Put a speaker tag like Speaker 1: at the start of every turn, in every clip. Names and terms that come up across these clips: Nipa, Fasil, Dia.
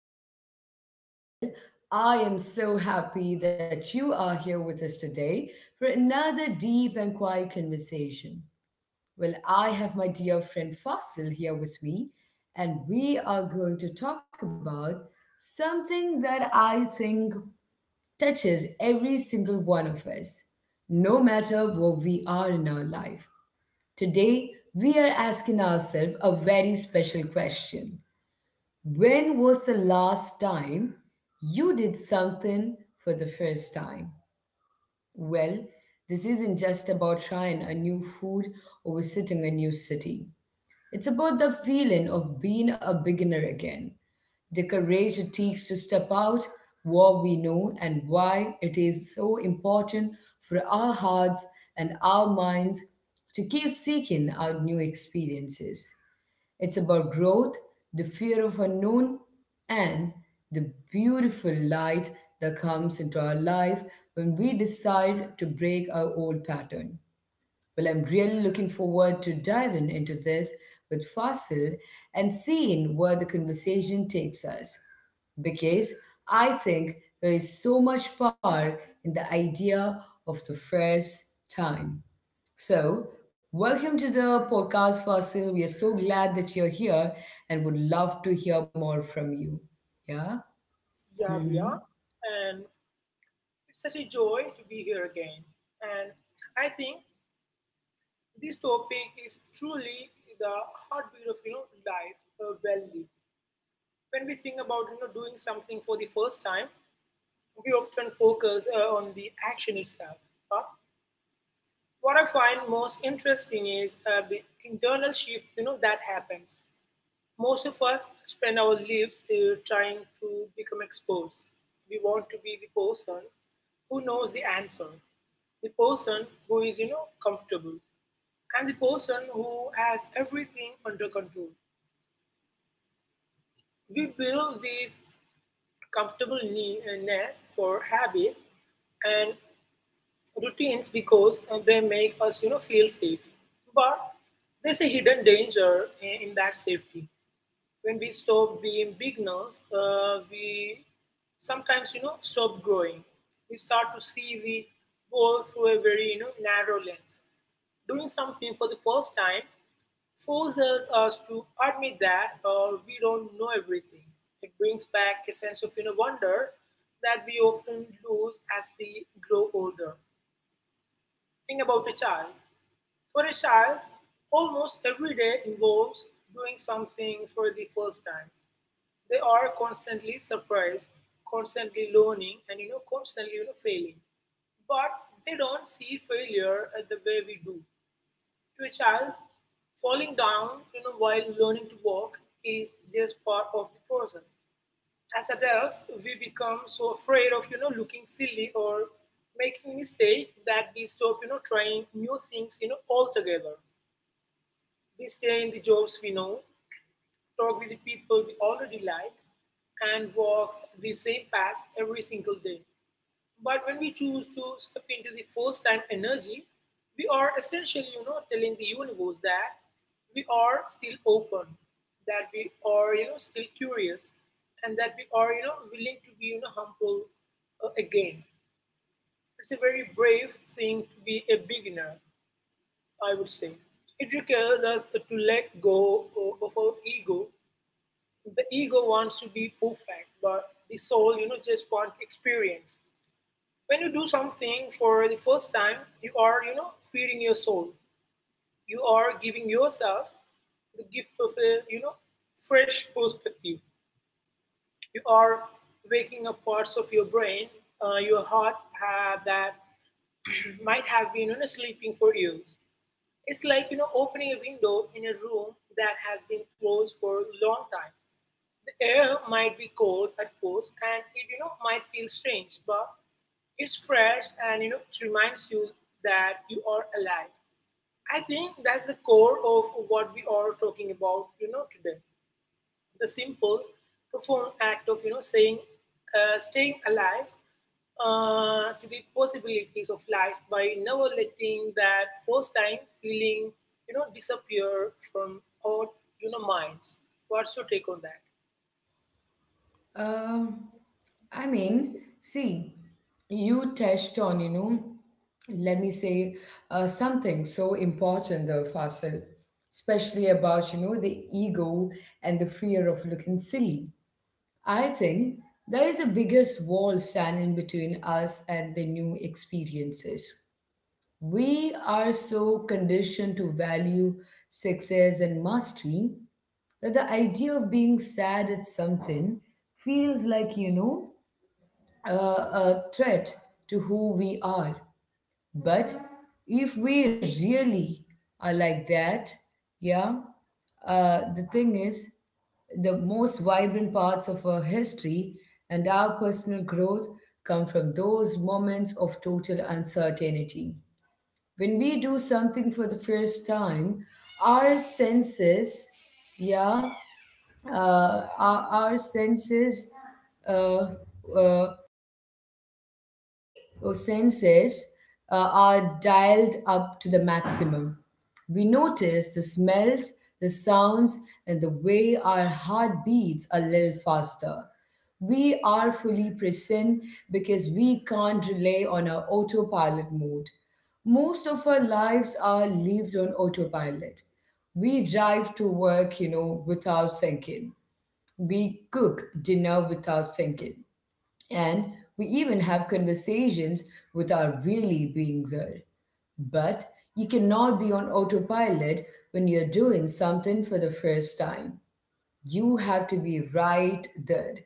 Speaker 1: podcast. Well, I am so happy that you are here with us today for another deep and quiet conversation. I have my dear friend Fasil here with me, and we are going to talk about something that I think touches every single one of us, no matter what we are in our life. Today, we are asking ourselves a very special question: when was the last time you did something for the first time? Well, this isn't just about trying a new food or visiting a new city. It's about the feeling of being a beginner again, the courage it takes to step out what we know, and why it is so important for our hearts and our minds to keep seeking out new experiences. It's about growth, the fear of unknown, and the beautiful light that comes into our life when we decide to break our old pattern. I'm really looking forward to diving into this with Fasil and seeing where the conversation takes us. Because I think there is so much power in the idea of the first time. So, Welcome to the podcast, Fasil. We are so glad that you're here and would love to hear more from you. Yeah?
Speaker 2: Yeah, we are.
Speaker 1: Mm-hmm.
Speaker 2: And it's such a joy to be here again. And I think this topic is truly the heartbeat of life well lived. When we think about doing something for the first time, we often focus on the action itself. But what I find most interesting is the internal shift that happens. Most of us spend our lives trying to become experts. We want to be the person who knows the answer, the person who is comfortable, and the person who has everything under control. We build these comfortable nests for habit and routines because they make us feel safe. But there's a hidden danger in that safety. When we stop being beginners, we sometimes stop growing. We start to see the world through a very narrow lens. Doing something for the first time forces us to admit that we don't know everything. It brings back a sense of wonder that we often lose as we grow older. Think about a child. For a child, almost every day involves doing something for the first time. They are constantly surprised, constantly learning, and constantly failing. But they don't see failure as the way we do. To a child, falling down while learning to walk is just part of the process. As adults, we become so afraid of looking silly or making mistake that we stop trying new things altogether. We stay in the jobs we know, talk with the people we already like, and walk the same path every single day. But when we choose to step into the first time energy, we are essentially telling the universe that we are still open, that we are still curious, and that we are willing to be humble again. It's a very brave thing to be a beginner, I would say. It requires us to let go of our ego. The ego wants to be perfect, but the soul just wants experience. When you do something for the first time, you are feeding your soul. You are giving yourself the gift of a fresh perspective. You are waking up parts of your brain, your heart that might have been sleeping for years. It's like opening a window in a room that has been closed for a long time. The air might be cold at first and it might feel strange, but it's fresh and it reminds you that you are alive. I think that's the core of what we are talking about today. The simple, profound act of staying alive to the possibilities of life by never letting that first time feeling disappear from our minds. What's your take on that?
Speaker 1: Um, I mean, see, you touched on, you know, let me say something so important though, Fasil, especially about, you know, the ego and the fear of looking silly. I think that is the biggest wall standing between us and the new experiences. We are so conditioned to value success and mastery that the idea of being sad at something feels like, you know, a threat to who we are. But if we really are like that, yeah, the thing is, the most vibrant parts of our history and our personal growth come from those moments of total uncertainty. When we do something for the first time, our senses yeah our senses uh, uh, or senses are dialed up to the maximum. We notice the smells, the sounds, and the way our heart beats a little faster. We are fully present because we can't rely on our autopilot mode. Most of our lives are lived on autopilot. We drive to work, you know, without thinking. We cook dinner without thinking. And we even have conversations without really being there. But you cannot be on autopilot when you're doing something for the first time. You have to be right there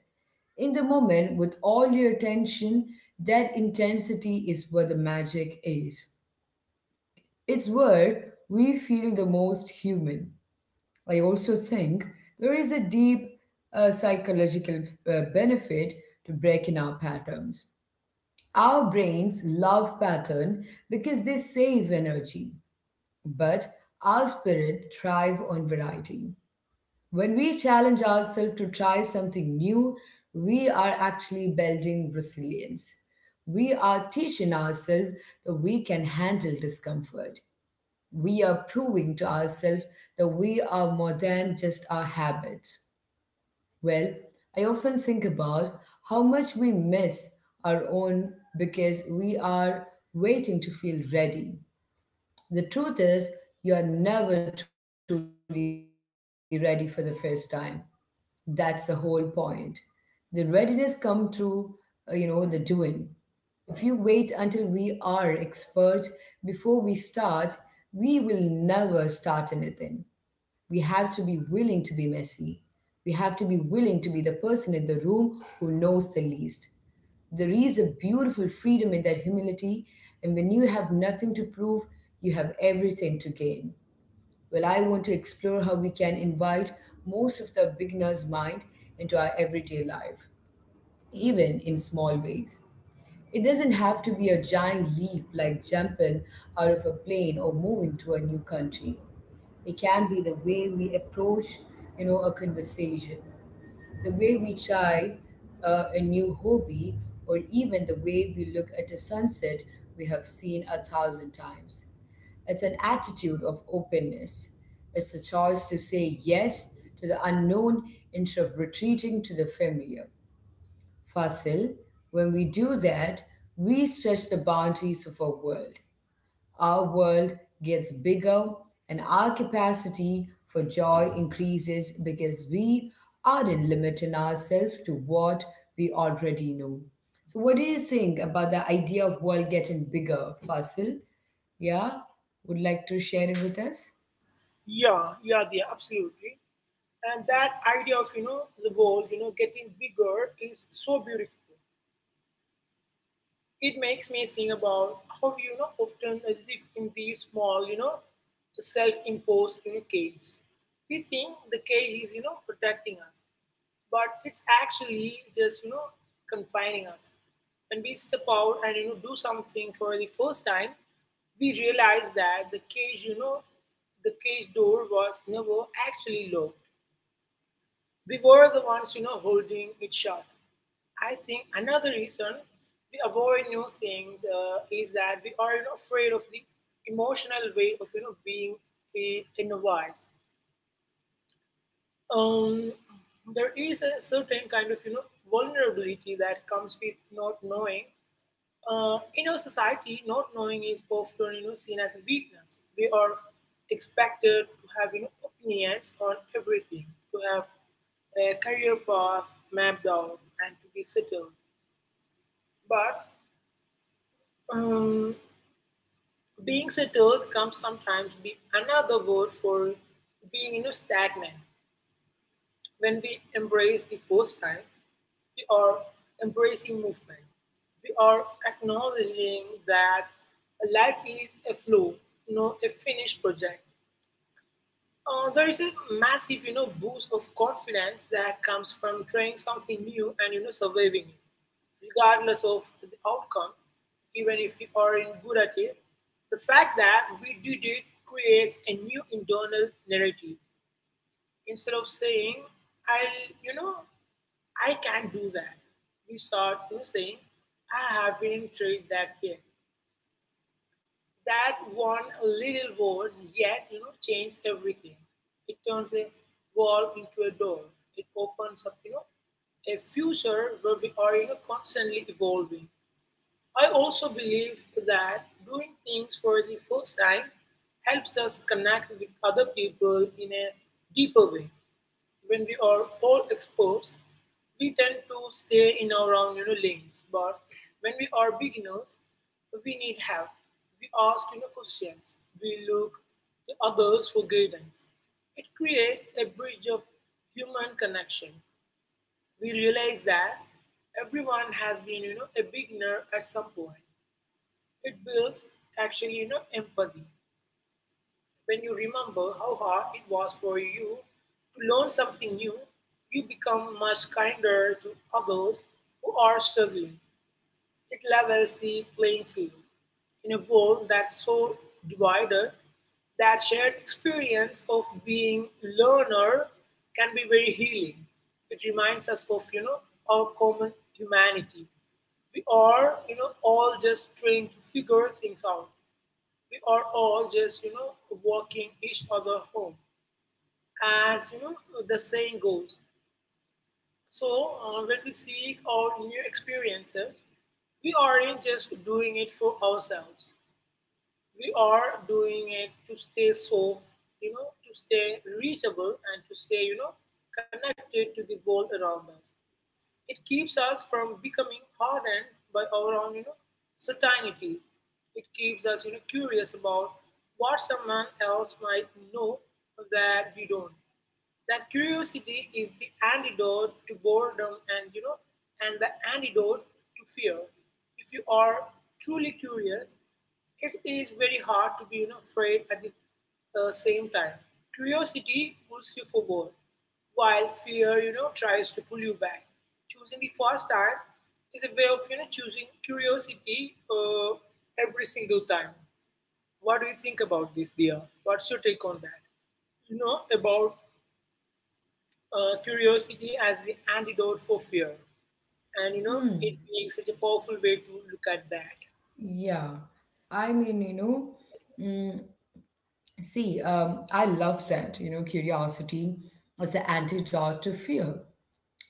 Speaker 1: in the moment with all your attention. That intensity is where the magic is. It's where we feel the most human. I also think there is a deep psychological benefit to breaking our patterns. Our brains love pattern because they save energy, but our spirit thrive on variety. When we challenge ourselves to try something new, we are actually building resilience. We are teaching ourselves that we can handle discomfort. We are proving to ourselves that we are more than just our habits. Well, I often think about how much we miss our own because we are waiting to feel ready. The truth is, you are never truly ready for the first time. That's the whole point. The readiness come through, you know, the doing. If you wait until we are expert before we start, we will never start anything. We have to be willing to be messy. We have to be willing to be the person in the room who knows the least. There is a beautiful freedom in that humility, and when you have nothing to prove, you have everything to gain. I want to explore how we can invite most of the beginner's mind into our everyday life, even in small ways. It doesn't have to be a giant leap like jumping out of a plane or moving to a new country. It can be the way we approach, you know, a conversation, the way we try a new hobby, or even the way we look at a sunset we have seen a thousand times. It's an attitude of openness. It's a choice to say yes to the unknown instead of retreating to the familiar. Fasil, when we do that, we stretch the boundaries of our world. Our world gets bigger and our capacity for joy increases because we aren't limiting ourselves to what we already know. So, what do you think about the idea of world getting bigger, Fasil? Yeah, would like to share it with us?
Speaker 2: Yeah, yeah, yeah, absolutely. And that idea of the world getting bigger is so beautiful. It makes me think about how often live in these small self-imposed cages. We think the cage is protecting us, but it's actually just confining us. When we step out and do something for the first time, we realize that the cage door was never actually locked. We were the ones holding it shut. I think another reason we avoid new things is that we are afraid of the emotional weight of being a novice. Um, there is a certain kind of vulnerability that comes with not knowing. In our society, not knowing is often seen as a weakness. We are expected to have opinions on everything, to have a career path mapped out, and to be settled. But um, being settled comes sometimes be another word for being stagnant. When we embrace the first time, we are embracing movement. We are acknowledging that life is a flow, a finished project. There is a massive boost of confidence that comes from trying something new and surviving it, regardless of the outcome. Even if we aren't good at it, the fact that we did it creates a new internal narrative. Instead of saying, I'll, you know, "I can't do that," we start to saying, "I haven't tried that yet." That one little word yet changes everything. It turns a wall into a door. It opens up a future where we are constantly evolving. I also believe that doing things for the first time helps us connect with other people in a deeper way. When we are all experts, we tend to stay in our own lanes. But when we are beginners, we need help. We ask questions. We look to others for guidance. It creates a bridge of human connection. We realize that everyone has been a beginner at some point. It builds actually empathy when you remember how hard it was for you to learn something new. You become much kinder to others who are struggling. It levels the playing field in a world that's so divided. That shared experience of being learner can be very healing. It reminds us of our common humanity. We are all just trying to figure things out. We are all just walking each other home, as the saying goes. So when we seek out new experiences, we aren't just doing it for ourselves. We are doing it to stay soft, to stay reachable, and to stay connected to the world around us. It keeps us from becoming hardened by our own certainties. It keeps us curious about what someone else might know that we don't. That curiosity is the antidote to boredom and you know and the antidote to fear. If you are truly curious, it is very hard to be afraid at the same time. Curiosity pulls you forward, while fear tries to pull you back. Choosing the first time is a way of choosing curiosity every single time. What do you think about this, dear? What's your take on that? You know about curiosity as the antidote for fear. And
Speaker 1: Mm,
Speaker 2: it being such a powerful way to look at that.
Speaker 1: yeah, I mean, you know, mm, see, I love that, you know, curiosity as the antidote to fear.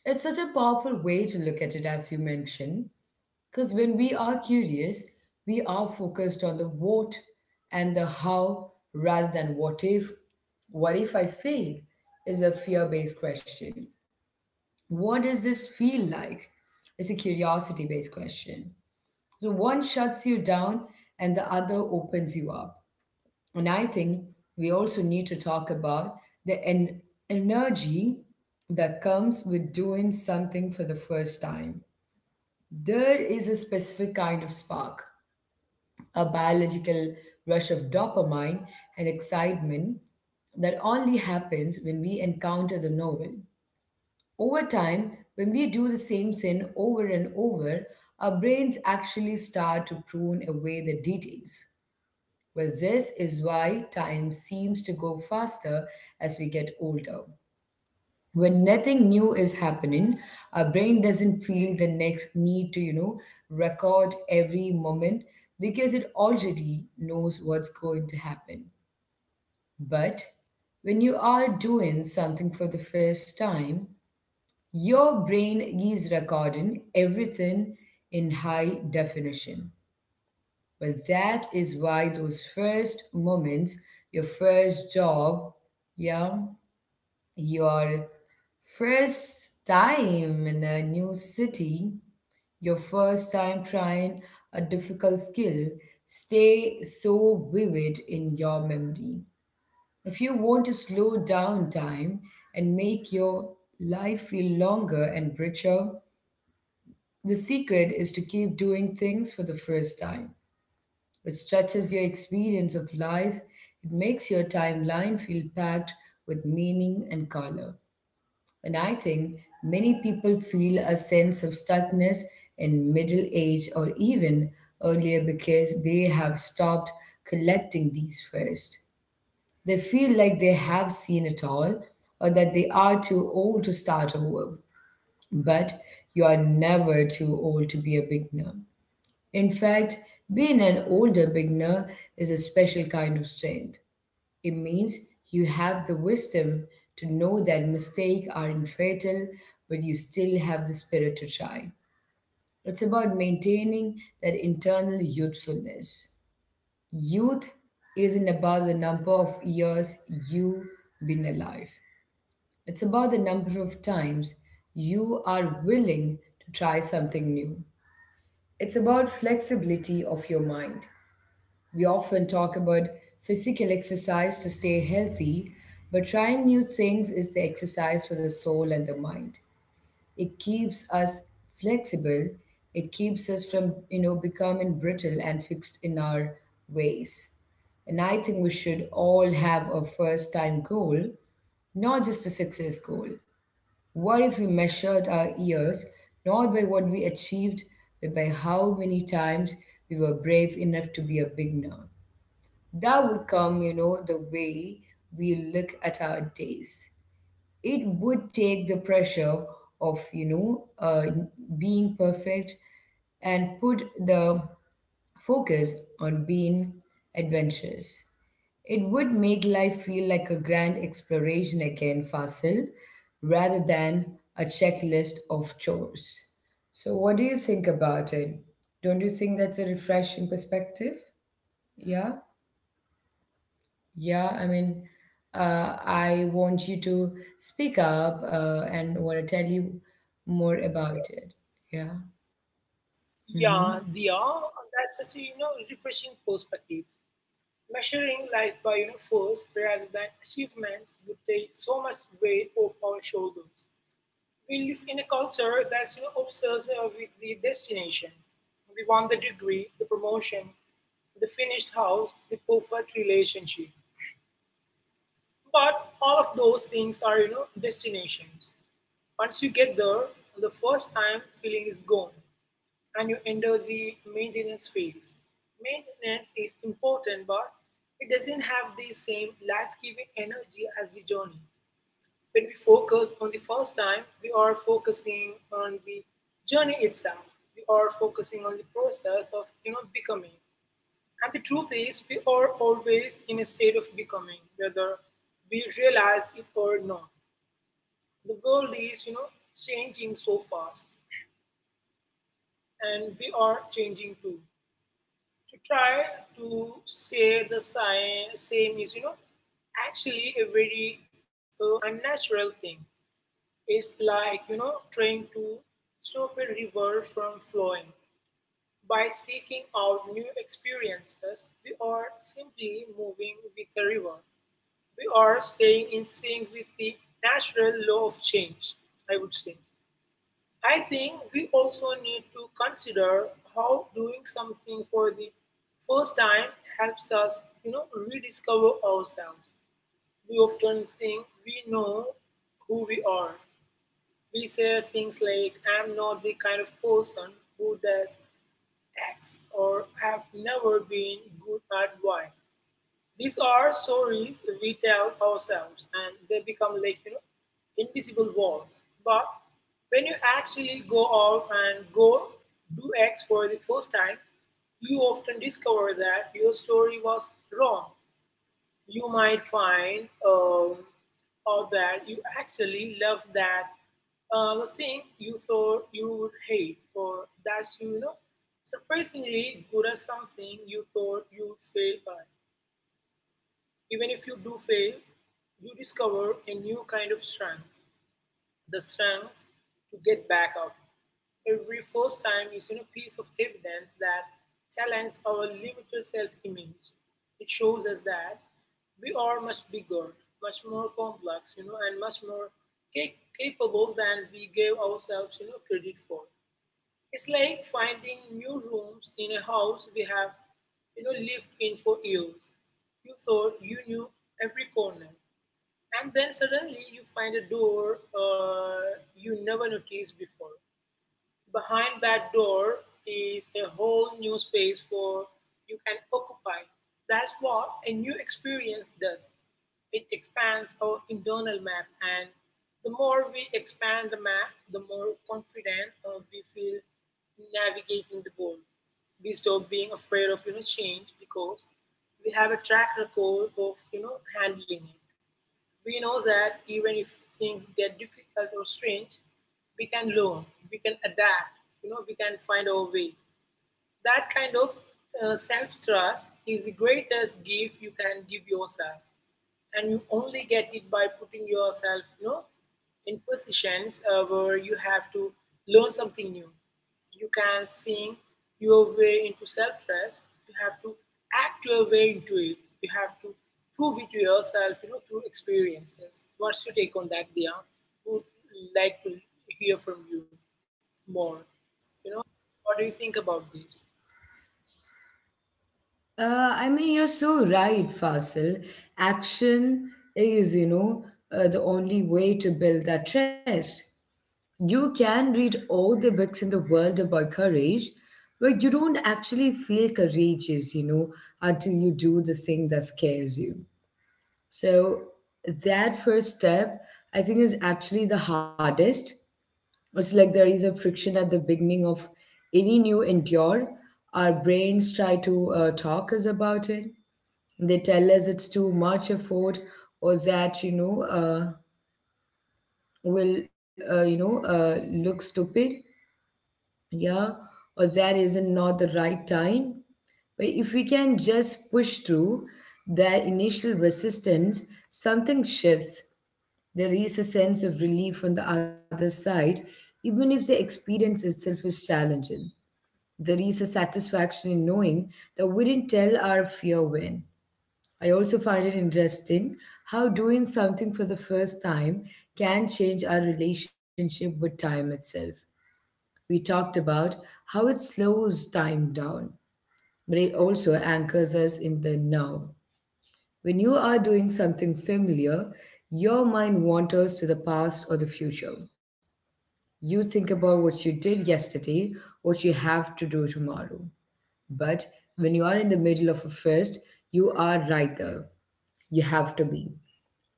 Speaker 1: It's such a powerful way to look at it, as you mentioned, because when we are curious, we are focused on the what and the how rather than what if. What if I fail is a fear based question. What does this feel like? It's a curiosity based question. So one shuts you down and the other opens you up. And I think we also need to talk about the energy that comes with doing something for the first time. There is a specific kind of spark, a biological rush of dopamine and excitement that only happens when we encounter the novel. Over time, when we do the same thing over and over, our brains actually start to prune away the details. This is why time seems to go faster as we get older. When nothing new is happening, our brain doesn't feel the next need to, you know, record every moment because it already knows what's going to happen. But when you are doing something for the first time, your brain is recording everything in high definition. But that is why those first moments, your first job, yeah, your first time in a new city, your first time trying a difficult skill, stay so vivid in your memory. If you want to slow down time and make your life feel longer and richer, the secret is to keep doing things for the first time. It stretches your experience of life. It makes your timeline feel packed with meaning and color. And I think many people feel a sense of stuckness in middle age or even earlier because they have stopped collecting these first. They feel like they have seen it all or that they are too old to start over. But you are never too old to be a beginner. In fact, being an older beginner is a special kind of strength. It means you have the wisdom to know that mistakes aren't fatal, but you still have the spirit to try. It's about maintaining that internal youthfulness. Youth isn't about the number of years you've been alive, it's about the number of times you are willing to try something new. It's about flexibility of your mind. We often talk about physical exercise to stay healthy, but trying new things is the exercise for the soul and the mind. It keeps us flexible, it keeps us from, you know, becoming brittle and fixed in our ways. And I think we should all have a first time goal, not just a success goal. What if we measured our years not by what we achieved, but by how many times we were brave enough to be a beginner? That would come, you know, the way we look at our days. It would take the pressure of, you know, being perfect and put the focus on being adventurous. It would make life feel like a grand exploration again, Fasil, rather than a checklist of chores. So, what do you think about it? Don't you think that's a refreshing perspective? Yeah? Yeah, I mean, I want you to speak up and want to tell you more about it. Yeah. Mm-hmm.
Speaker 2: Yeah, they are. That's such a refreshing perspective. Measuring life by force rather than achievements would take so much weight off our shoulders. We live in a culture that's obsessed with the destination. We want the degree, the promotion, the finished house, the perfect relationship. But all of those things are destinations. Once you get there, the first time feeling is gone and you enter the maintenance phase. Maintenance is important, but it doesn't have the same life giving energy as the journey. When we focus on the first time, we are focusing on the journey itself. We are focusing on the process of becoming. And the truth is, we are always in a state of becoming, whether we realize it or not. The world is changing so fast, and we are changing too. To try to say the same is actually a very unnatural thing. It's like trying to stop a river from flowing. By seeking out new experiences, we are simply moving with the river. We are staying in sync with the natural law of change, I would say. I think we also need to consider how doing something for the first time helps us rediscover ourselves. We often think we know who we are. We say things like, "I'm not the kind of person who does X," or "I've never been good at Y." These are stories we tell ourselves, and they become like invisible walls. But when you actually go out and go do X for the first time, you often discover that your story was wrong. You might find out that you actually love that thing you thought you would hate, or that you know surprisingly good at something you thought you would fail at. Even if you do fail, you discover a new kind of strength. The strength to get back up. Every first time is in a piece of evidence that challenges our limited self image. It shows us that we are much bigger, much more complex, and much more capable than we gave ourselves, credit for. It's like finding new rooms in a house we have lived in for years. You thought you knew every corner, and then suddenly you find a door you never noticed before. Behind that door is a whole new space for you can occupy. That's what a new experience does. It expands our internal map, and the more we expand the map, the more confident we feel navigating the world. We stop being afraid of change because we have a track record of handling it. We know that even if things get difficult or strange, we can learn, we can adapt, we can find our way. That kind of self trust is the greatest gift you can give yourself, and you only get it by putting yourself in positions where you have to learn something new. You can think your way into self-trust. You have to act your way into it. You have to prove it to yourself through experiences. What's your take on that, Dia? Would like to hear from you more. you know what do you think about this?
Speaker 1: I mean, you're so right, Fasil. Action is, you know, the only way to build that trust. You can read all the books in the world about courage, but you don't actually feel courageous, you know, until you do the thing that scares you. So that first step, I think, is actually the hardest. It's like there is a friction at the beginning of any new endure. Our brains try to talk us about it. They tell us it's too much effort or that you know will you know look stupid, yeah, or that isn't not the right time. But if we can just push through that initial resistance, something shifts. There is a sense of relief on the other side, even if the experience itself is challenging. There is a satisfaction in knowing that we didn't tell our fear when. I also find it interesting how doing something for the first time can change our relationship with time itself. We talked about how it slows time down, but it also anchors us in the now. When you are doing something familiar, your mind wanders to the past or the future. You think about what you did yesterday, what you have to do tomorrow. But when you are in the middle of a fest, you are right there. You have to be.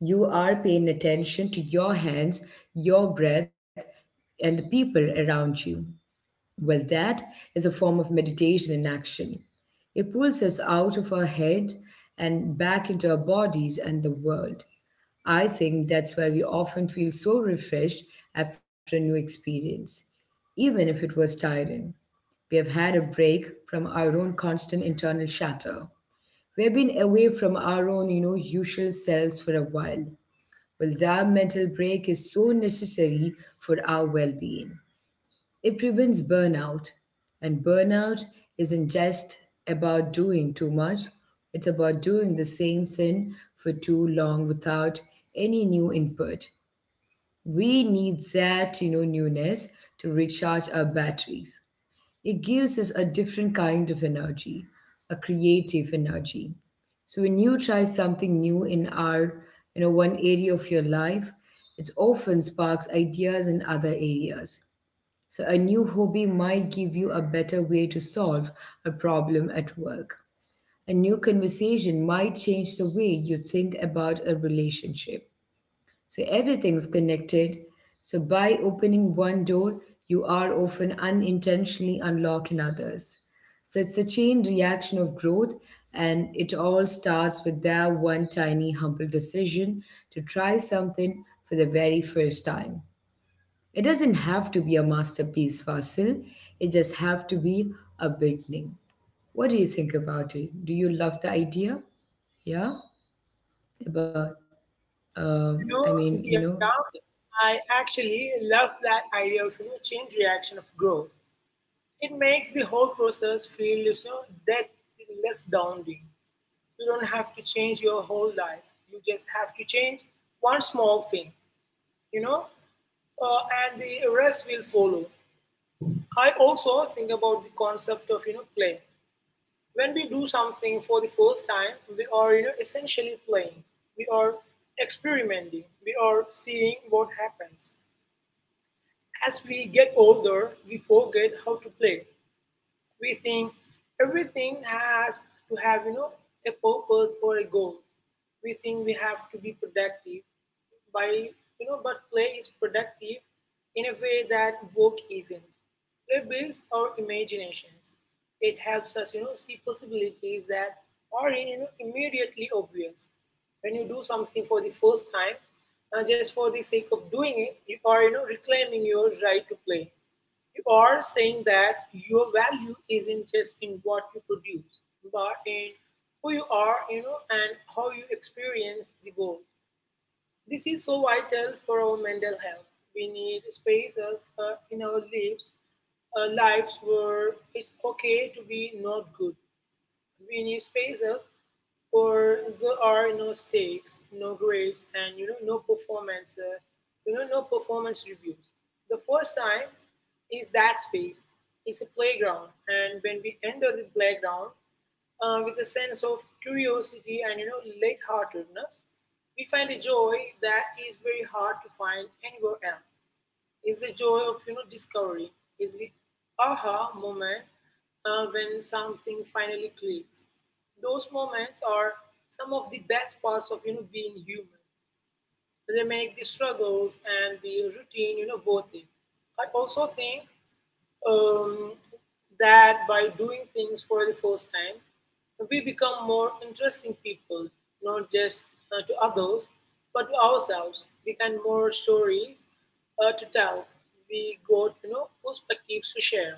Speaker 1: You are paying attention to your hands, your breath, and the people around you. Well, that is a form of meditation in action. It pulls us out of our head and back into our bodies and the world. I think that's why we often feel so refreshed after a new experience, even if it was tiring. We have had a break from our own constant internal chatter. We have been away from our own, you know, usual selves for a while. Well, that mental break is so necessary for our well-being. It prevents burnout, and burnout isn't just about doing too much. It's about doing the same thing for too long without any new input. We need that, you know, newness to recharge our batteries. It gives us a different kind of energy, a creative energy. So when you try something new in our, you know, one area of your life, it often sparks ideas in other areas. So a new hobby might give you a better way to solve a problem at work. A new conversation might change the way you think about a relationship. So everything's connected. So by opening one door, you are often unintentionally unlocking others. So it's a chain reaction of growth, and it all starts with that one tiny, humble decision to try something for the very first time. It doesn't have to be a masterpiece, Fasil. It just have to be a beginning. What do you think about it? Do you love the idea? Yeah, about um, I
Speaker 2: You
Speaker 1: mean,
Speaker 2: know,
Speaker 1: you know,
Speaker 2: Dia, I actually love that idea of change reaction of growth. It makes the whole process feel you know, that less daunting. You don't have to change your whole life. You just have to change one small thing, you know, and the rest will follow. I also think about the concept of play. When we do something for the first time, we are essentially playing. We are experimenting. We are seeing what happens. As we get older, we forget how to play. We think everything has to have, you know, a purpose or a goal. We think we have to be productive by, you know, but play is productive in a way that work isn't. Play builds our imaginations. It helps us, you know, see possibilities that are immediately obvious. When you do something for the first time, just for the sake of doing it, you are, you know, reclaiming your right to play. You are saying that your value isn't just in what you produce, but in who you are, you know, and how you experience the world. This is so vital for our mental health. We need spaces in our lives, lives where it's okay to be not good. We need spaces where there are no stakes, no grades, and you know, no performance, no performance reviews. The first time is that space. It's a playground, and when we enter the playground with a sense of curiosity and you know, lightheartedness, we find a joy that is very hard to find anywhere else. Is the joy of discovery, is the aha moment when something finally clicks. Those moments are some of the best parts of being human. They make the struggles and the routine worth it. I also think um, that by doing things for the first time, we become more interesting people, not just to others, but to ourselves. We can more stories to tell. We got perspectives to share,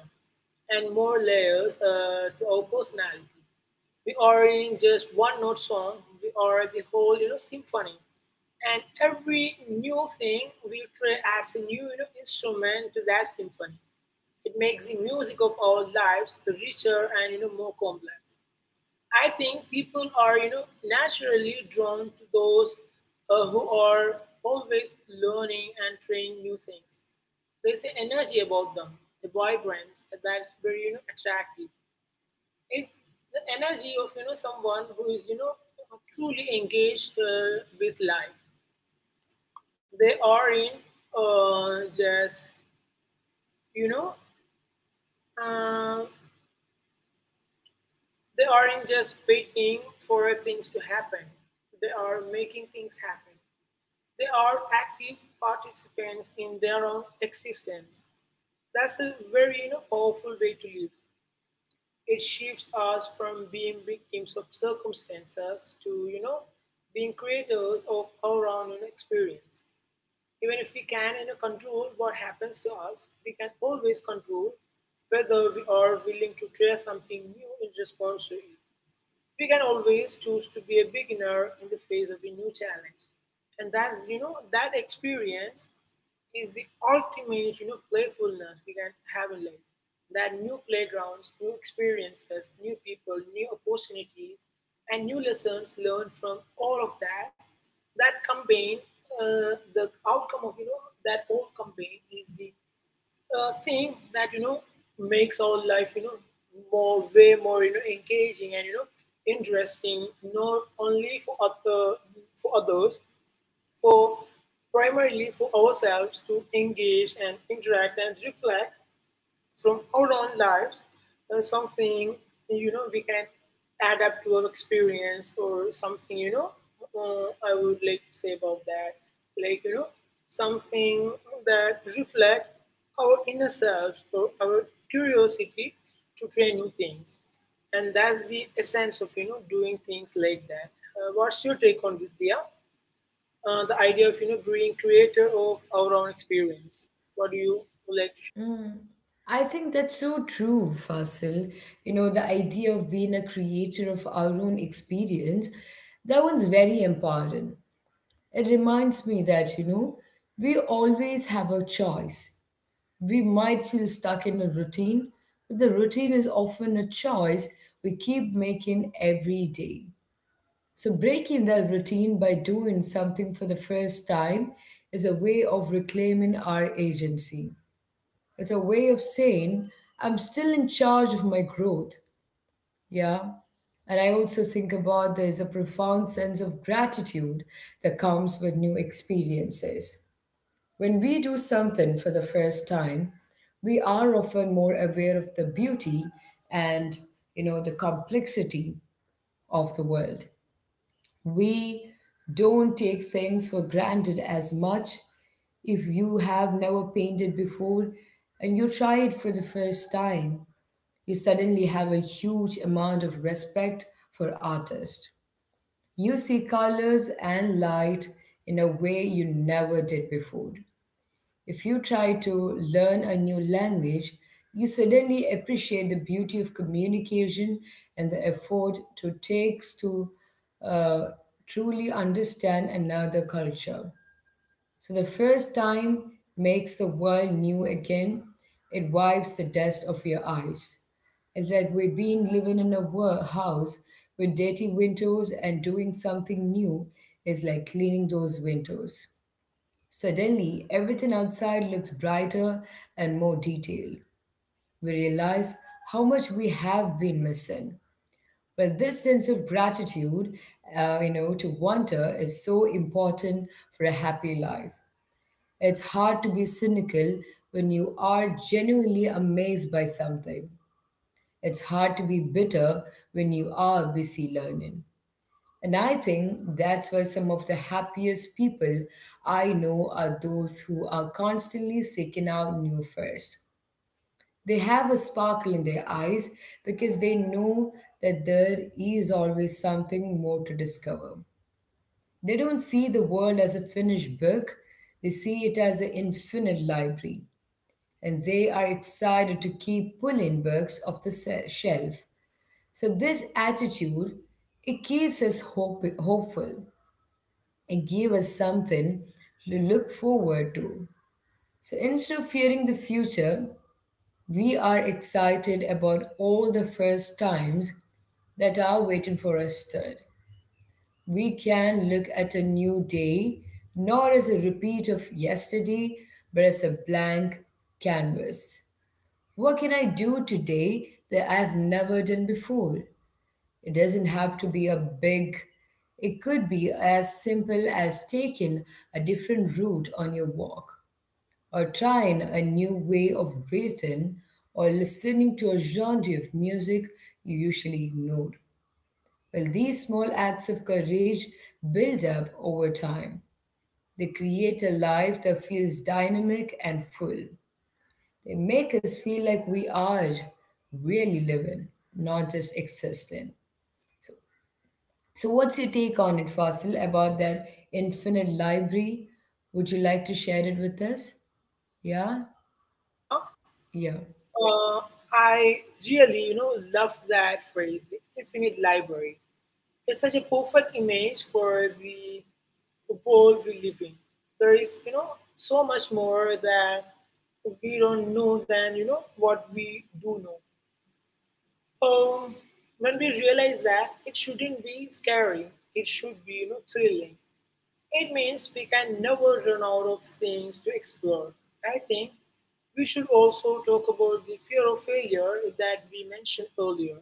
Speaker 2: and more layers to our personality. We are in just one note song. We are the whole symphony, and every new thing we try adds a new instrument to that symphony. It makes the music of our lives richer and more complex. I think people are naturally drawn to those who are always learning and trying new things. There's an energy about them, the vibrance that's very attractive. It's the energy of someone who is truly engaged with life. They are in uh, just you know uh, They aren't just waiting for things to happen, they are making things happen. They are active participants in their own existence. That's a very you know, powerful way to live. It shifts us from being victims of circumstances to, you know, being creators of our own experience. Even if we can you know, control what happens to us, we can always control whether we are willing to try something new in response to it. We can always choose to be a beginner in the face of a new challenge, and that's that experience is the ultimate playfulness we can have in life. That new playgrounds, new experiences, new people, new opportunities, and new lessons learned from all of that, that campaign, the outcome of that whole campaign is the thing that makes our life more, way more engaging and interesting, not only for other for others, for, primarily for ourselves, to engage and interact and reflect from our own lives. Something we can add up to our experience, or something I would like to say about that, like you know, something that reflect our inner self or our curiosity to try new things. And that's the essence of doing things like that. What's your take on this, Dia? The idea of being creator of our own experience. What do you like to share,
Speaker 1: Mm. I think that's so true, Fasil. You know, the idea of being a creator of our own experience, that one's very empowering. It reminds me that, you know, we always have a choice. We might feel stuck in a routine, but the routine is often a choice we keep making every day. So, breaking that routine by doing something for the first time is a way of reclaiming our agency. It's a way of saying I'm still in charge of my growth. Yeah. And I also think about there's a profound sense of gratitude that comes with new experiences. When we do something for the first time, we are often more aware of the beauty and, you know, the complexity of the world. We don't take things for granted as much. If you have never painted before and you try it for the first time, you suddenly have a huge amount of respect for artists. You see colors and light in a way you never did before. If you try to learn a new language, you suddenly appreciate the beauty of communication and the effort it takes to uh, truly understand another culture. So the first time makes the world new again. It wipes the dust off your eyes. It's like we've been living in a house with dirty windows, and doing something new is like cleaning those windows. Suddenly, everything outside looks brighter and more detailed. We realize how much we have been missing. Well, this sense of gratitude, to wonder is so important for a happy life. It's hard to be cynical when you are genuinely amazed by something. It's hard to be bitter when you are busy learning. And I think that's why some of the happiest people I know are those who are constantly seeking out new first. They have a sparkle in their eyes because they know that there is always something more to discover. They don't see the world as a finished book, they see it as an infinite library, and they are excited to keep pulling books off the shelf. So, this attitude it keeps us hopeful and give us something to look forward to. So instead of fearing the future, we are excited about all the first times that are waiting for us third. We can look at a new day not as a repeat of yesterday, but as a blank canvas. What can I do today that I have never done before? It doesn't have to be a big, it could be as simple as taking a different route on your walk, or trying a new way of breathing, or listening to a genre of music you usually ignored. Well, these small acts of courage build up over time. They create a life that feels dynamic and full. They make us feel like we are really living, not just existing. So So, what's your take on it, Fasil, about that infinite library? Would you like to share it with us? Yeah?
Speaker 2: Dia?
Speaker 1: Yeah.
Speaker 2: Uh, I really, you know, love that phrase, the infinite library. It's such a perfect image for the world we live in. There is, you know, so much more that we don't know than, you know, what we do know. Um, when we realize that, it shouldn't be scary. It should be, you know, thrilling. It means we can never run out of things to explore. I think we should also talk about the fear of failure that we mentioned earlier,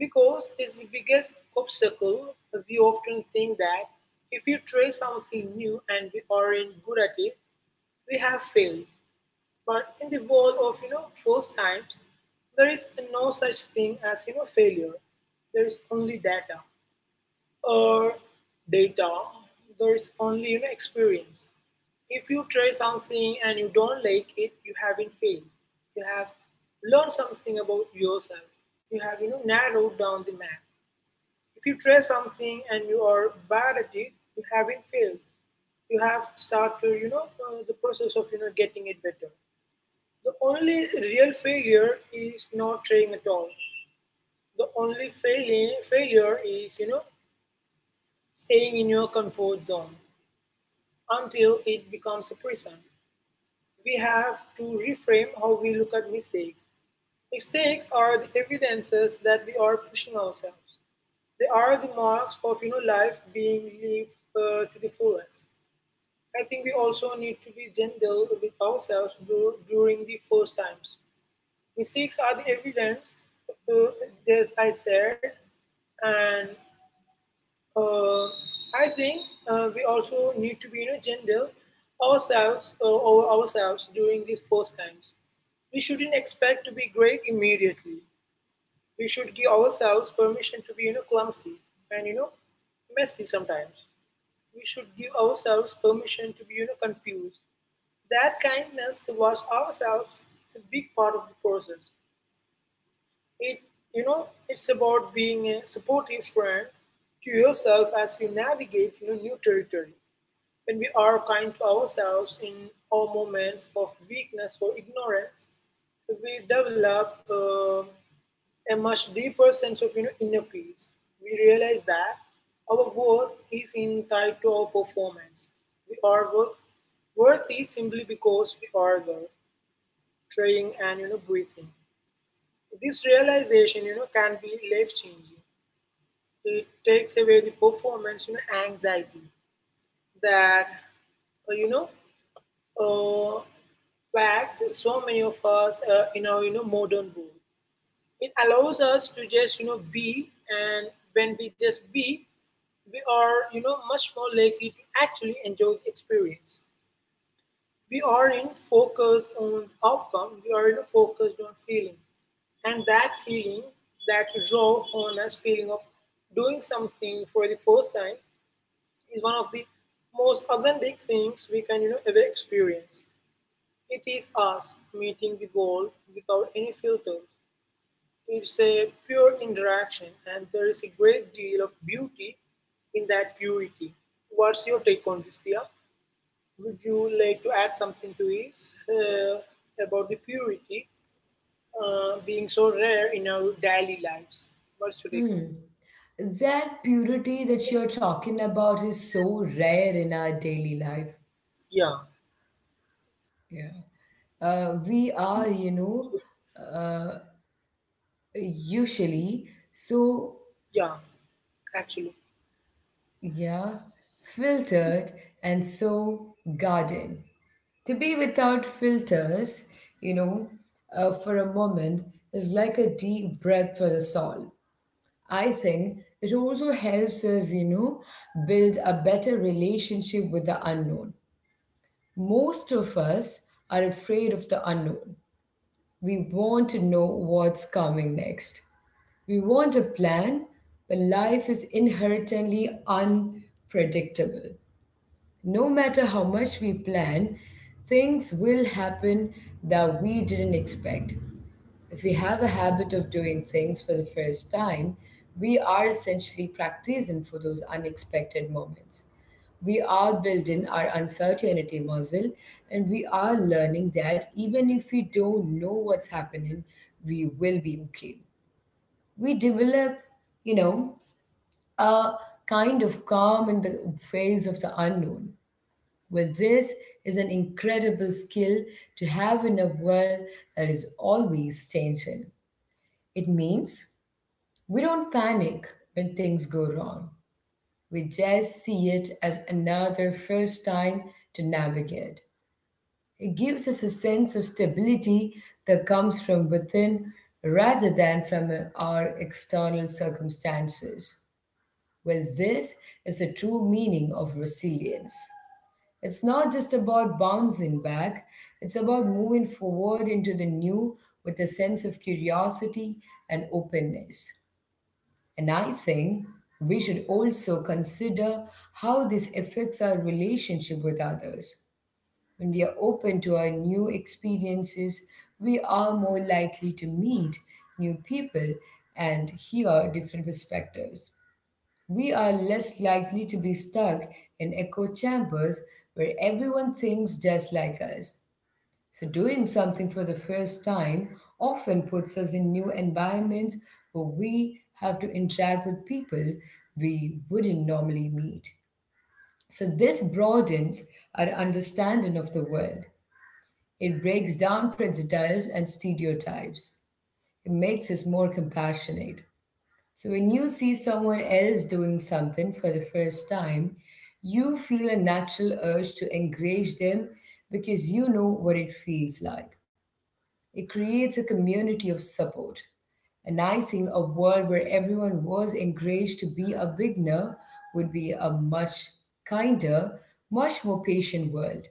Speaker 2: because it's the biggest obstacle. We often think that if we try something new and we aren't good at it, we have failed. But in the world of first times, there is no such thing as failure. There is only data, or data, there is only you know, experience. If you try something and you don't like it, you haven't failed. You have learned something about yourself. You have narrowed down the map. If you try something and you are bad at it, you haven't failed. You have started the process of getting it better. The only real failure is not trying at all. The only failing failure is staying in your comfort zone until it becomes a prison. We have to reframe how we look at mistakes. Mistakes are the evidences that we are pushing ourselves. They are the marks of life being lived to the fullest. I think we also need to be gentle with ourselves during the first times. Mistakes are the evidence, uh, just I said, and uh, I think we also need to be you know, gentle ourselves over ourselves during these first times. We shouldn't expect to be great immediately. We should give ourselves permission to be clumsy and messy sometimes. We should give ourselves permission to be confused. That kindness towards ourselves is a big part of the process. It you know it's about being a supportive friend to yourself as you navigate new territory. When we are kind to ourselves in our moments of weakness or ignorance, we develop a much deeper sense of inner peace. We realize that our worth is in tied to our performance. We are worth, worthy simply because we are there, trying and breathing. This realization, you know, can be life changing. It takes away the performance you know, anxiety that, uh, you know, uh, plagues so many of us in our, you know, modern world. It allows us to just, you know, be, and when we just be, we are, you know, much more likely to actually enjoy the experience. We aren't focused on outcome, we are focused on feeling. And that feeling, that raw, honest feeling of doing something for the first time is one of the most authentic things we can ever experience. It is us meeting the world without any filters. It's a pure interaction, and there is a great deal of beauty in that purity. What's your take on this, Dia? Would you like to add something to this about the purity being so rare in our daily lives? What's your take on it?
Speaker 1: Mm. That purity that you're talking about is so rare in our daily life.
Speaker 2: Yeah,
Speaker 1: Yeah. We are, you know, uh, usually so,
Speaker 2: yeah, actually,
Speaker 1: yeah, filtered and so guarded. To be without filters, you know, for a moment is like a deep breath for the soul. I think it also helps us, you know, build a better relationship with the unknown. Most of us are afraid of the unknown. We want to know what's coming next. We want a plan, but life is inherently unpredictable. No matter how much we plan, things will happen that we didn't expect. If we have a habit of doing things for the first time, we are essentially practicing for those unexpected moments. We are building our uncertainty muscle and we are learning that even if we don't know what's happening, we will be okay. We develop, you know, a kind of calm in the face of the unknown. Well, this is an incredible skill to have in a world that is always changing. It means we don't panic when things go wrong. We just see it as another first time to navigate. It gives us a sense of stability that comes from within rather than from our external circumstances. Well, this is the true meaning of resilience. It's not just about bouncing back, it's about moving forward into the new with a sense of curiosity and openness. And I think we should also consider how this affects our relationship with others. When we are open to our new experiences, we are more likely to meet new people and hear different perspectives. We are less likely to be stuck in echo chambers where everyone thinks just like us. So, doing something for the first time often puts us in new environments where we have to interact with people we wouldn't normally meet. So, this broadens our understanding of the world. It breaks down prejudice and stereotypes. It makes us more compassionate. So when you see someone else doing something for the first time, you feel a natural urge to encourage them because you know what it feels like. It creates a community of support. And I think a world where everyone was encouraged to be a beginner would be a much kinder, much more patient world.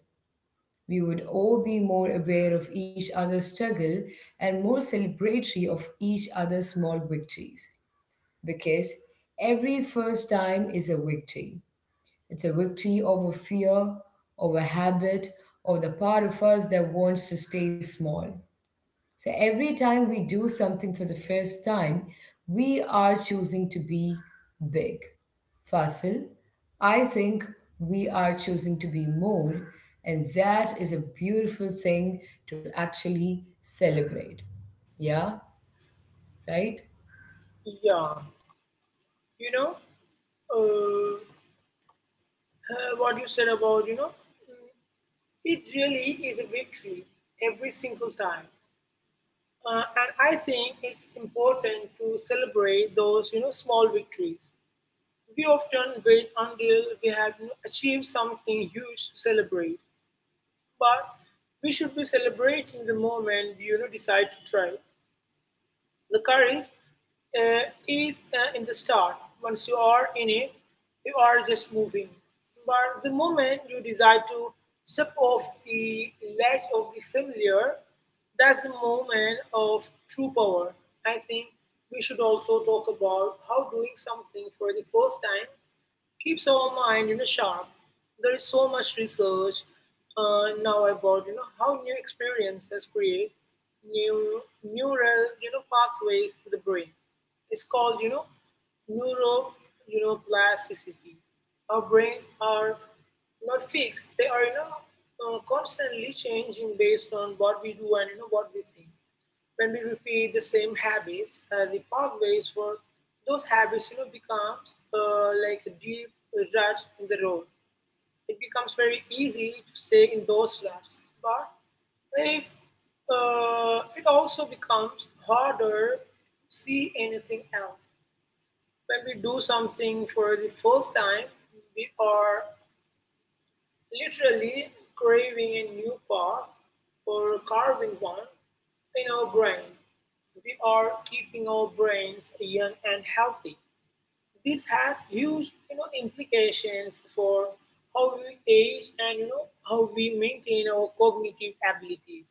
Speaker 1: We would all be more aware of each other's struggle and more celebratory of each other's small victories because every first time is a victory. It's a victory over fear, over habit, or the part of us that wants to stay small. So every time we do something for the first time, we are choosing to be big. Fasil, I think we are choosing to be more, and that is a beautiful thing to actually celebrate. Yeah, right?
Speaker 2: yeah. You know, uh, what you said about, you know, mm, it really is a victory every single time. And I think it's important to celebrate those, small victories. We often wait until we have achieved something huge to celebrate, but we should be celebrating the moment we decide to try. The courage is in the start. Once you are in it, you are just moving. But the moment you decide to step off the ledge of the familiar, that's the moment of true power. I think we should also talk about how doing something for the first time keeps our mind sharp. There is so much research now about how new experiences create new neural pathways in the brain. It's called neuro plasticity. Our brains are not fixed; they are constantly changing based on what we do and what we think. When we repeat the same habits, and the pathways for those habits becomes like a deep ruts in the road, it becomes very easy to stay in those ruts. But if it also becomes harder to see anything else. When we do something for the first time, we are literally craving a new path, or carving one in our brain. We are keeping our brains young and healthy. This has huge implications for how we age and how we maintain our cognitive abilities.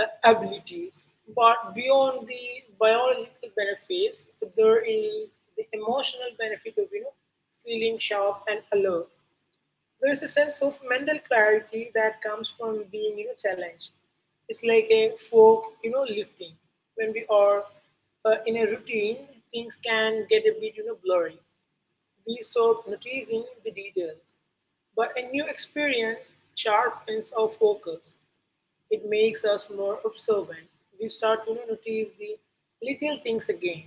Speaker 2: uh, abilities. But beyond the biological benefits, there is the emotional benefit of feeling sharp and alert. There is a sense of mental clarity that comes from being challenged. It's like a fork, lifting. When we are in a routine, things can get a bit, blurry. We stop noticing the details. But a new experience sharpens our focus. It makes us more observant. We start to notice the little things again.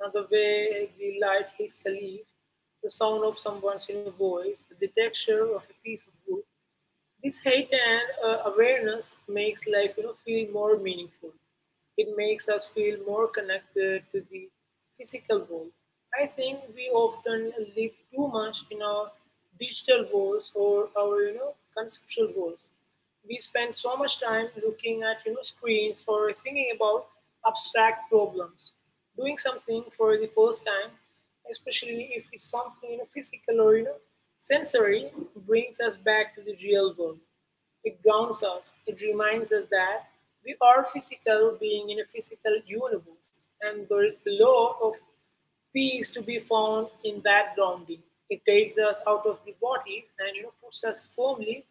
Speaker 2: Now, the way the light hits a leaf, the sound of someone's voice, the texture of a piece of wood. This height and awareness makes life feel more meaningful. It makes us feel more connected to the physical world. I think we often live too much in our digital worlds or our conceptual worlds. We spend so much time looking at screens or thinking about abstract problems. Doing something for the first time, especially if it's something physical or sensory, brings us back to the real world. It grounds us, it reminds us that we are physical being in a physical universe, and there is the law of peace to be found in that grounding. It takes us out of the what if and puts us firmly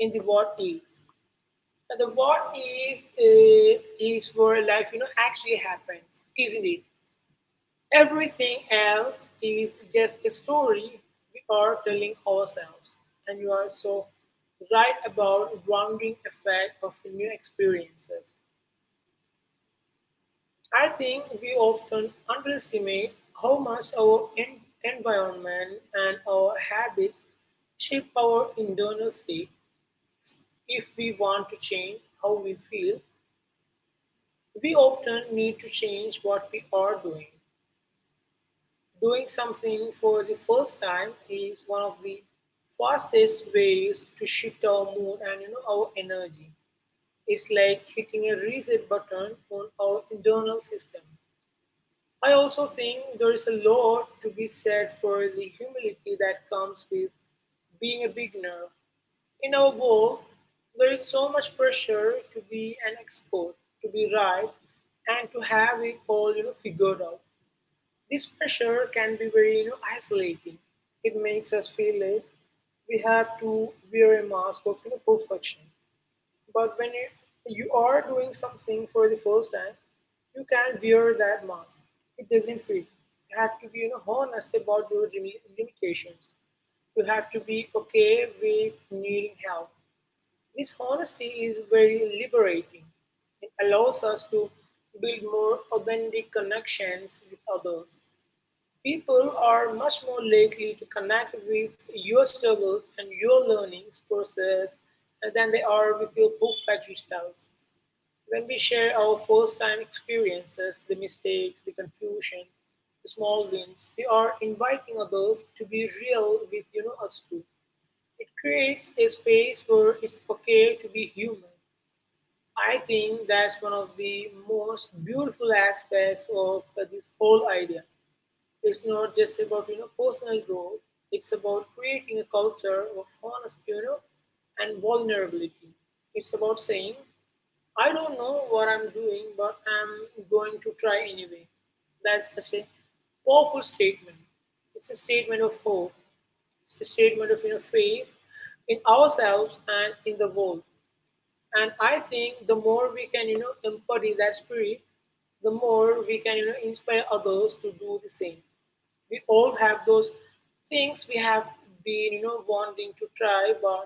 Speaker 2: in the what is. And the what is where life actually happens, isn't it? Everything else is just a story we are telling ourselves. And you are so right about rounding effect of new experiences. I think we often underestimate how much our environment and our habits shape our internal state. If we want to change how we feel, we often need to change what we are doing. Doing something for the first time is one of the fastest ways to shift our mood and, our energy. It's like hitting a reset button on our internal system. I also think there is a lot to be said for the humility that comes with being a beginner. In our world, there is so much pressure to be an expert, to be right, and to have it all figured out. This pressure can be very, isolating. It makes us feel like we have to wear a mask of, perfection. But when you are doing something for the first time, you can wear that mask. It doesn't fit. You have to be, honest about your limitations. You have to be okay with needing help. This honesty is very liberating. It allows us to build more authentic connections with others. People are much more likely to connect with your struggles and your learnings process than they are with your perfect results. When we share our first time experiences, the mistakes, the confusion, the small wins, we are inviting others to be real with us too. It creates a space where it's okay to be human. I think that's one of the most beautiful aspects of this whole idea. It's not just about personal growth. It's about creating a culture of honesty, and vulnerability. It's about saying, I don't know what I'm doing, but I'm going to try anyway. That's such a powerful statement. It's a statement of hope. It's a statement of faith in ourselves and in the world. And I think the more we can embody that spirit, the more we can inspire others to do the same. We all have those things we have been, wanting to try but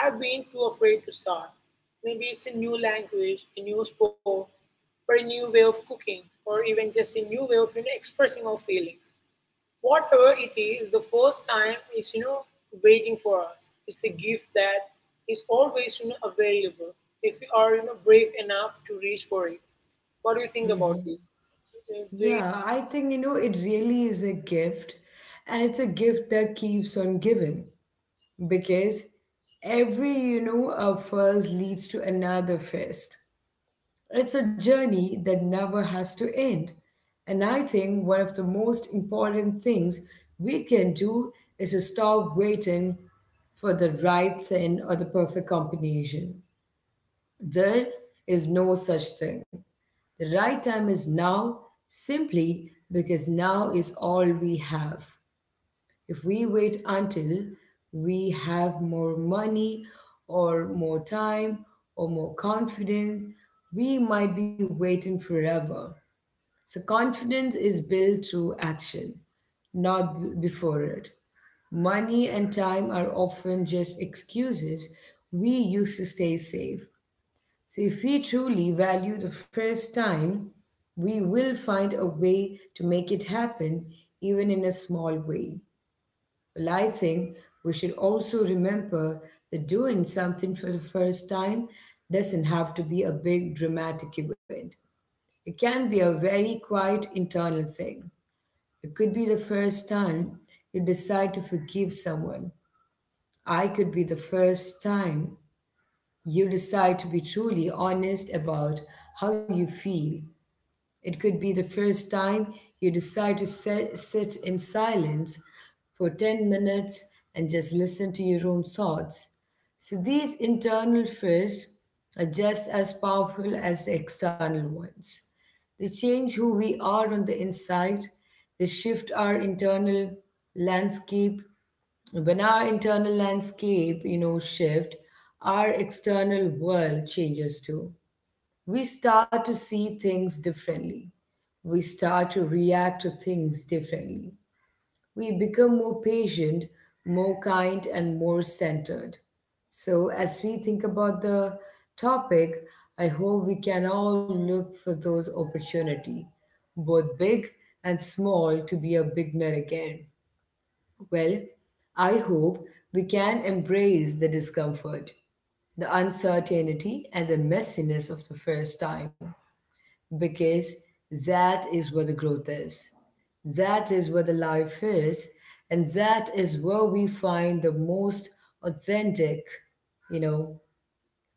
Speaker 2: have been too afraid to start. Maybe it's a new language, a new sport, or a new way of cooking, or even just a new way of, expressing our feelings. Whatever it is, the first time is, waiting for us. It's a gift that is always, available if we are, brave enough to reach for it. What do you think
Speaker 1: Mm-hmm.
Speaker 2: about this? Do.
Speaker 1: Yeah, I think, you know, it really is a gift. And it's a gift that keeps on giving because every, you know, a first leads to another first. It's a journey that never has to end. And I think one of the most important things we can do is to stop waiting for the right thing or the perfect combination. There is no such thing. The right time is now simply because now is all we have. If we wait until we have more money or more time or more confidence, we might be waiting forever. So, confidence is built through action, not before it. Money and time are often just excuses we use to stay safe. So, if we truly value the first time, we will find a way to make it happen, even in a small way. Well, I think we should also remember that doing something for the first time doesn't have to be a big dramatic event. It can be a very quiet internal thing. It could be the first time you decide to forgive someone. I could be the first time you decide to be truly honest about how you feel. It could be the first time you decide to sit in silence for 10 minutes and just listen to your own thoughts. So these internal fears are just as powerful as the external ones. They change who we are on the inside, they shift our internal landscape. When our internal landscape, shift, our external world changes too. We start to see things differently, we start to react to things differently. We become more patient, more kind, and more centered. So, as we think about the topic, I hope we can all look for those opportunities, both big and small, to be a beginner again. Well, I hope we can embrace the discomfort, the uncertainty, and the messiness of the first time because that is where the growth is. That is where the life is. And that is where we find the most authentic, you know,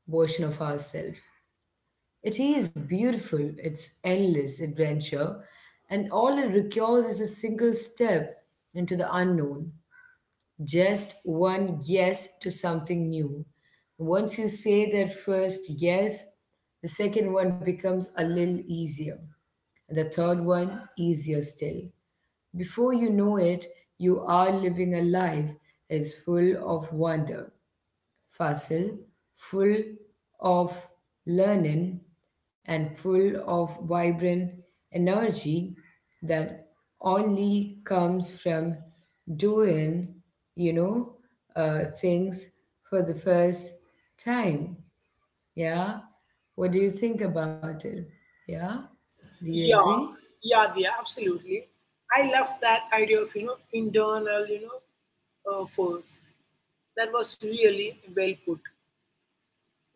Speaker 1: version of ourselves. It is beautiful, it's endless adventure, and all it requires is a single step into the unknown. Just one yes to something new. Once you say that first yes, the second one becomes a little easier, the third one, easier still. Before you know it, you are living a life that is full of wonder, facile, full of learning, and full of vibrant energy that only comes from doing, you know, uh, things for the first time. Yeah? What do you think about it? Yeah? Do you
Speaker 2: Yeah,
Speaker 1: agree?
Speaker 2: yeah, absolutely. I love that idea of internal force. That was really well put.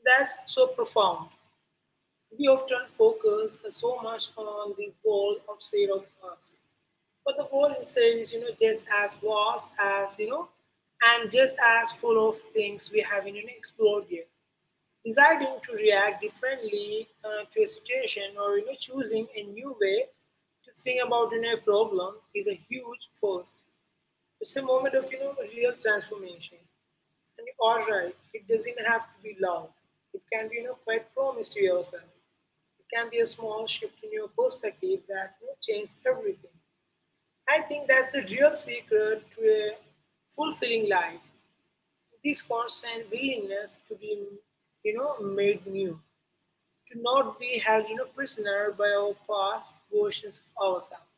Speaker 2: That's so profound. We often focus so much on the world outside of us, but the world itself is just as vast as and just as full of things we haven't, explored yet. Deciding to react differently to a situation or, choosing a new way to think about, a problem is a huge first. It's a moment of real transformation. And you are right, it doesn't have to be loud. It can be quite promise to yourself. It can be a small shift in your perspective that, changes everything. I think that's the real secret to a fulfilling life. This constant willingness to be, made new, to not be held, prisoner by our past versions of ourselves,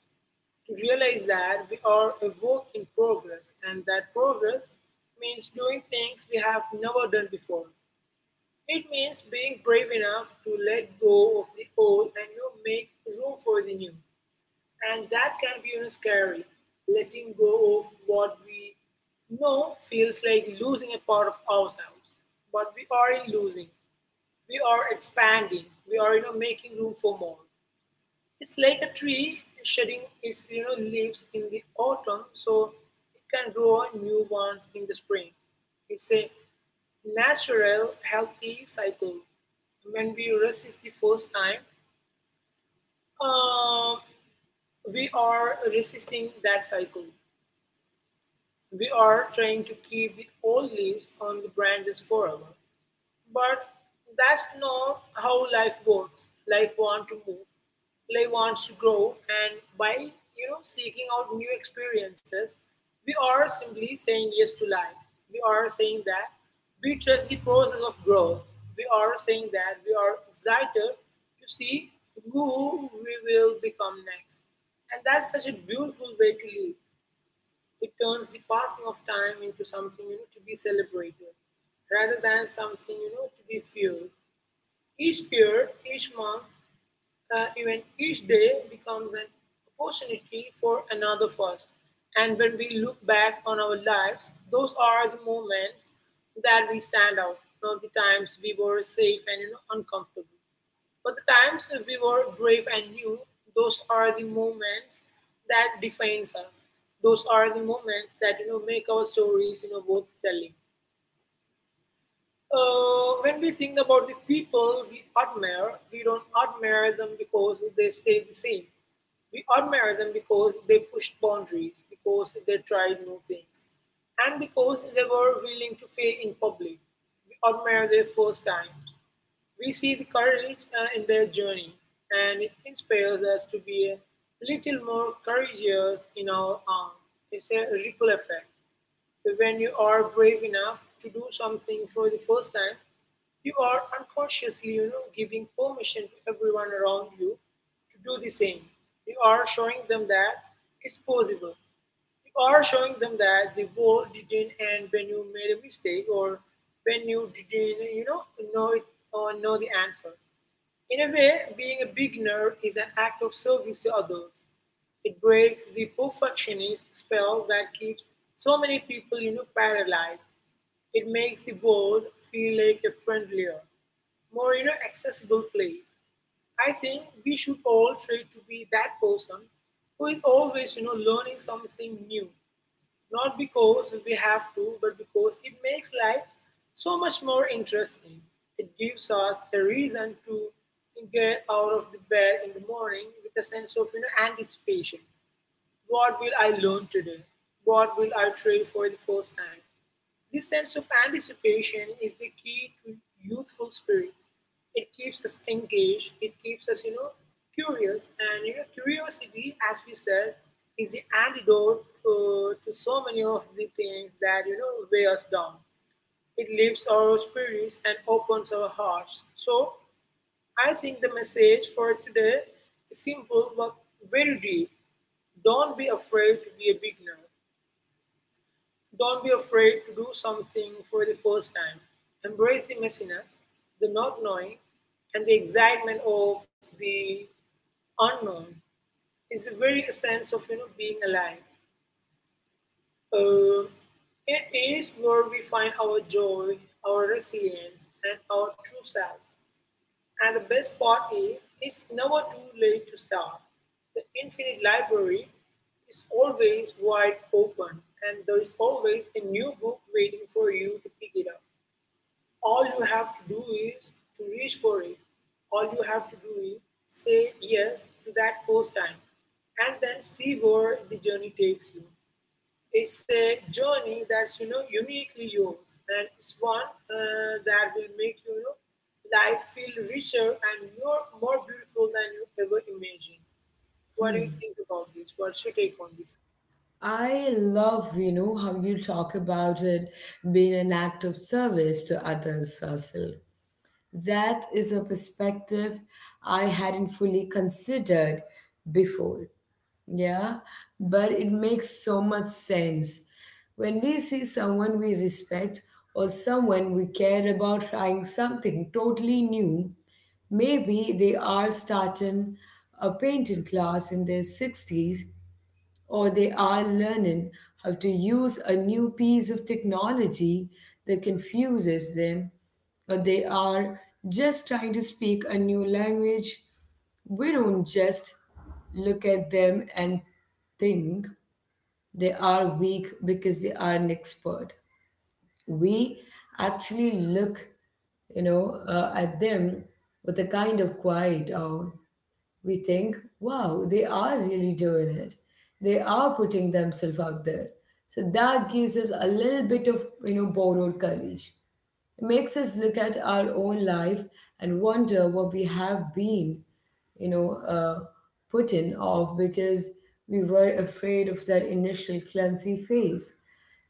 Speaker 2: to realize that we are a work in progress and that progress means doing things we have never done before. It means being brave enough to let go of the old and, make room for the new. And that can be, scary, letting go of what we know feels like losing a part of ourselves, but we aren't losing. We are expanding. We are, making room for more. It's like a tree shedding its, leaves in the autumn so it can grow new ones in the spring. It's a natural, healthy cycle. When we resist the first time, uh, we are resisting that cycle. We are trying to keep the old leaves on the branches forever. But that's not how life works. Life wants to move. Life wants to grow, and by seeking out new experiences, we are simply saying yes to life. We are saying that we trust the process of growth. We are saying that we are excited to see who we will become next, and that's such a beautiful way to live. It turns the passing of time into something, to be celebrated rather than something to be feared. Each year, each month, even each day becomes an opportunity for another first. And when we look back on our lives, those are the moments that we stand out, not the times we were safe and, uncomfortable. But the times we were brave and new, those are the moments that defines us. Those are the moments that make our stories worth telling. When we think about the people we admire, we don't admire them because they stay the same. We admire them because they pushed boundaries, because they tried new things, and because they were willing to fail in public. We admire their first times. We see the courage in their journey, and it inspires us to be a little more courageous in our own. It's a ripple effect. When you are brave enough to do something for the first time, you are unconsciously, giving permission to everyone around you to do the same. You are showing them that it's possible. You are showing them that the world didn't end when you made a mistake or when you didn't, know it or know the answer. In a way, being a beginner is an act of service to others. It breaks the perfectionist spell that keeps so many people, paralyzed. It makes the world feel like a friendlier, more, accessible place. I think we should all try to be that person who is always, learning something new, not because we have to, but because it makes life so much more interesting. It gives us a reason to get out of the bed in the morning with a sense of, anticipation. What will I learn today? What will I try for the first time? This sense of anticipation is the key to youthful spirit. It keeps us engaged, it keeps us, curious. And, you know, curiosity, as we said, is the antidote to so many of the things that, you know, weigh us down. It lifts our spirits and opens our hearts. So, I think the message for today is simple but very deep. Don't be afraid to be a beginner. Don't be afraid to do something for the first time. Embrace the messiness, the not knowing, and the excitement of the unknown is the very essence of being alive. Uh, it is where we find our joy, our resilience, and our true selves. And the best part is, it's never too late to start. The Infinite Library is always wide open, and there is always a new book waiting for you to pick it up. All you have to do is to reach for it. All you have to do is say yes to that first time, and then see where the journey takes you. It's a journey that's uniquely yours, and it's one that will make life feel richer and more beautiful than you ever imagined. What do
Speaker 1: Hmm.
Speaker 2: you think about this? What's your take on this?
Speaker 1: I love, how you talk about it being an act of service to others, Fasil. That is a perspective I hadn't fully considered before. Yeah, but it makes so much sense. When we see someone we respect or someone we care about trying something totally new, maybe they are starting a painting class in their 60s, or they are learning how to use a new piece of technology that confuses them, or they are just trying to speak a new language. We don't just look at them and think they are weak because they are an expert. We actually look at them with a kind of quiet awe. We think, wow, they are really doing it. They are putting themselves out there. So that gives us a little bit of, borrowed courage. It makes us look at our own life and wonder what we have been, you know, uh, putting off because we were afraid of that initial clumsy phase.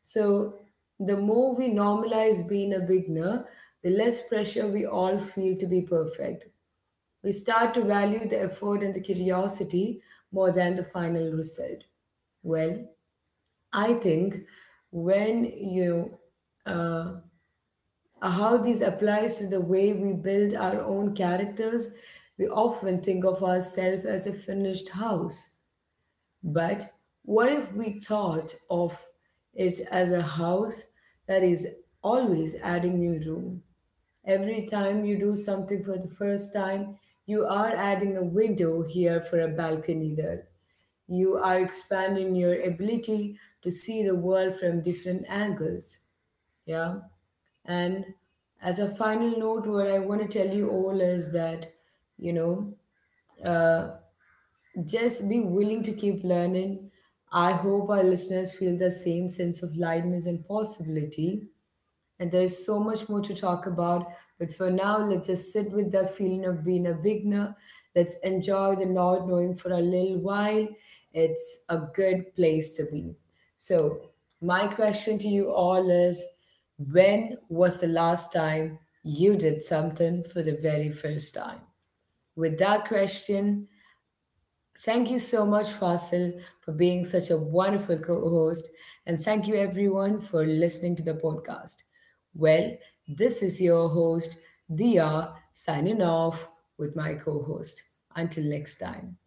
Speaker 1: So the more we normalize being a beginner, the less pressure we all feel to be perfect. We start to value the effort and the curiosity more than the final result. Well, I think when you uh, uh, how this applies to the way we build our own characters, we often think of ourselves as a finished house. But what if we thought of it as a house that is always adding new room? Every time you do something for the first time, you are adding a window here, for a balcony there. You are expanding your ability to see the world from different angles. Yeah. And as a final note, what I want to tell you all is that, you know, uh, just be willing to keep learning. I hope our listeners feel the same sense of lightness and possibility, and there is so much more to talk about, but for now, let's just sit with that feeling of being a beginner. Let's enjoy the not knowing for a little while. It's a good place to be. So, my question to you all is, when was the last time you did something for the very first time? With that question, thank you so much, Fasil, for being such a wonderful co host. And thank you, everyone, for listening to the podcast. Well, this is your host, Dia, signing off with my co host. Until next time.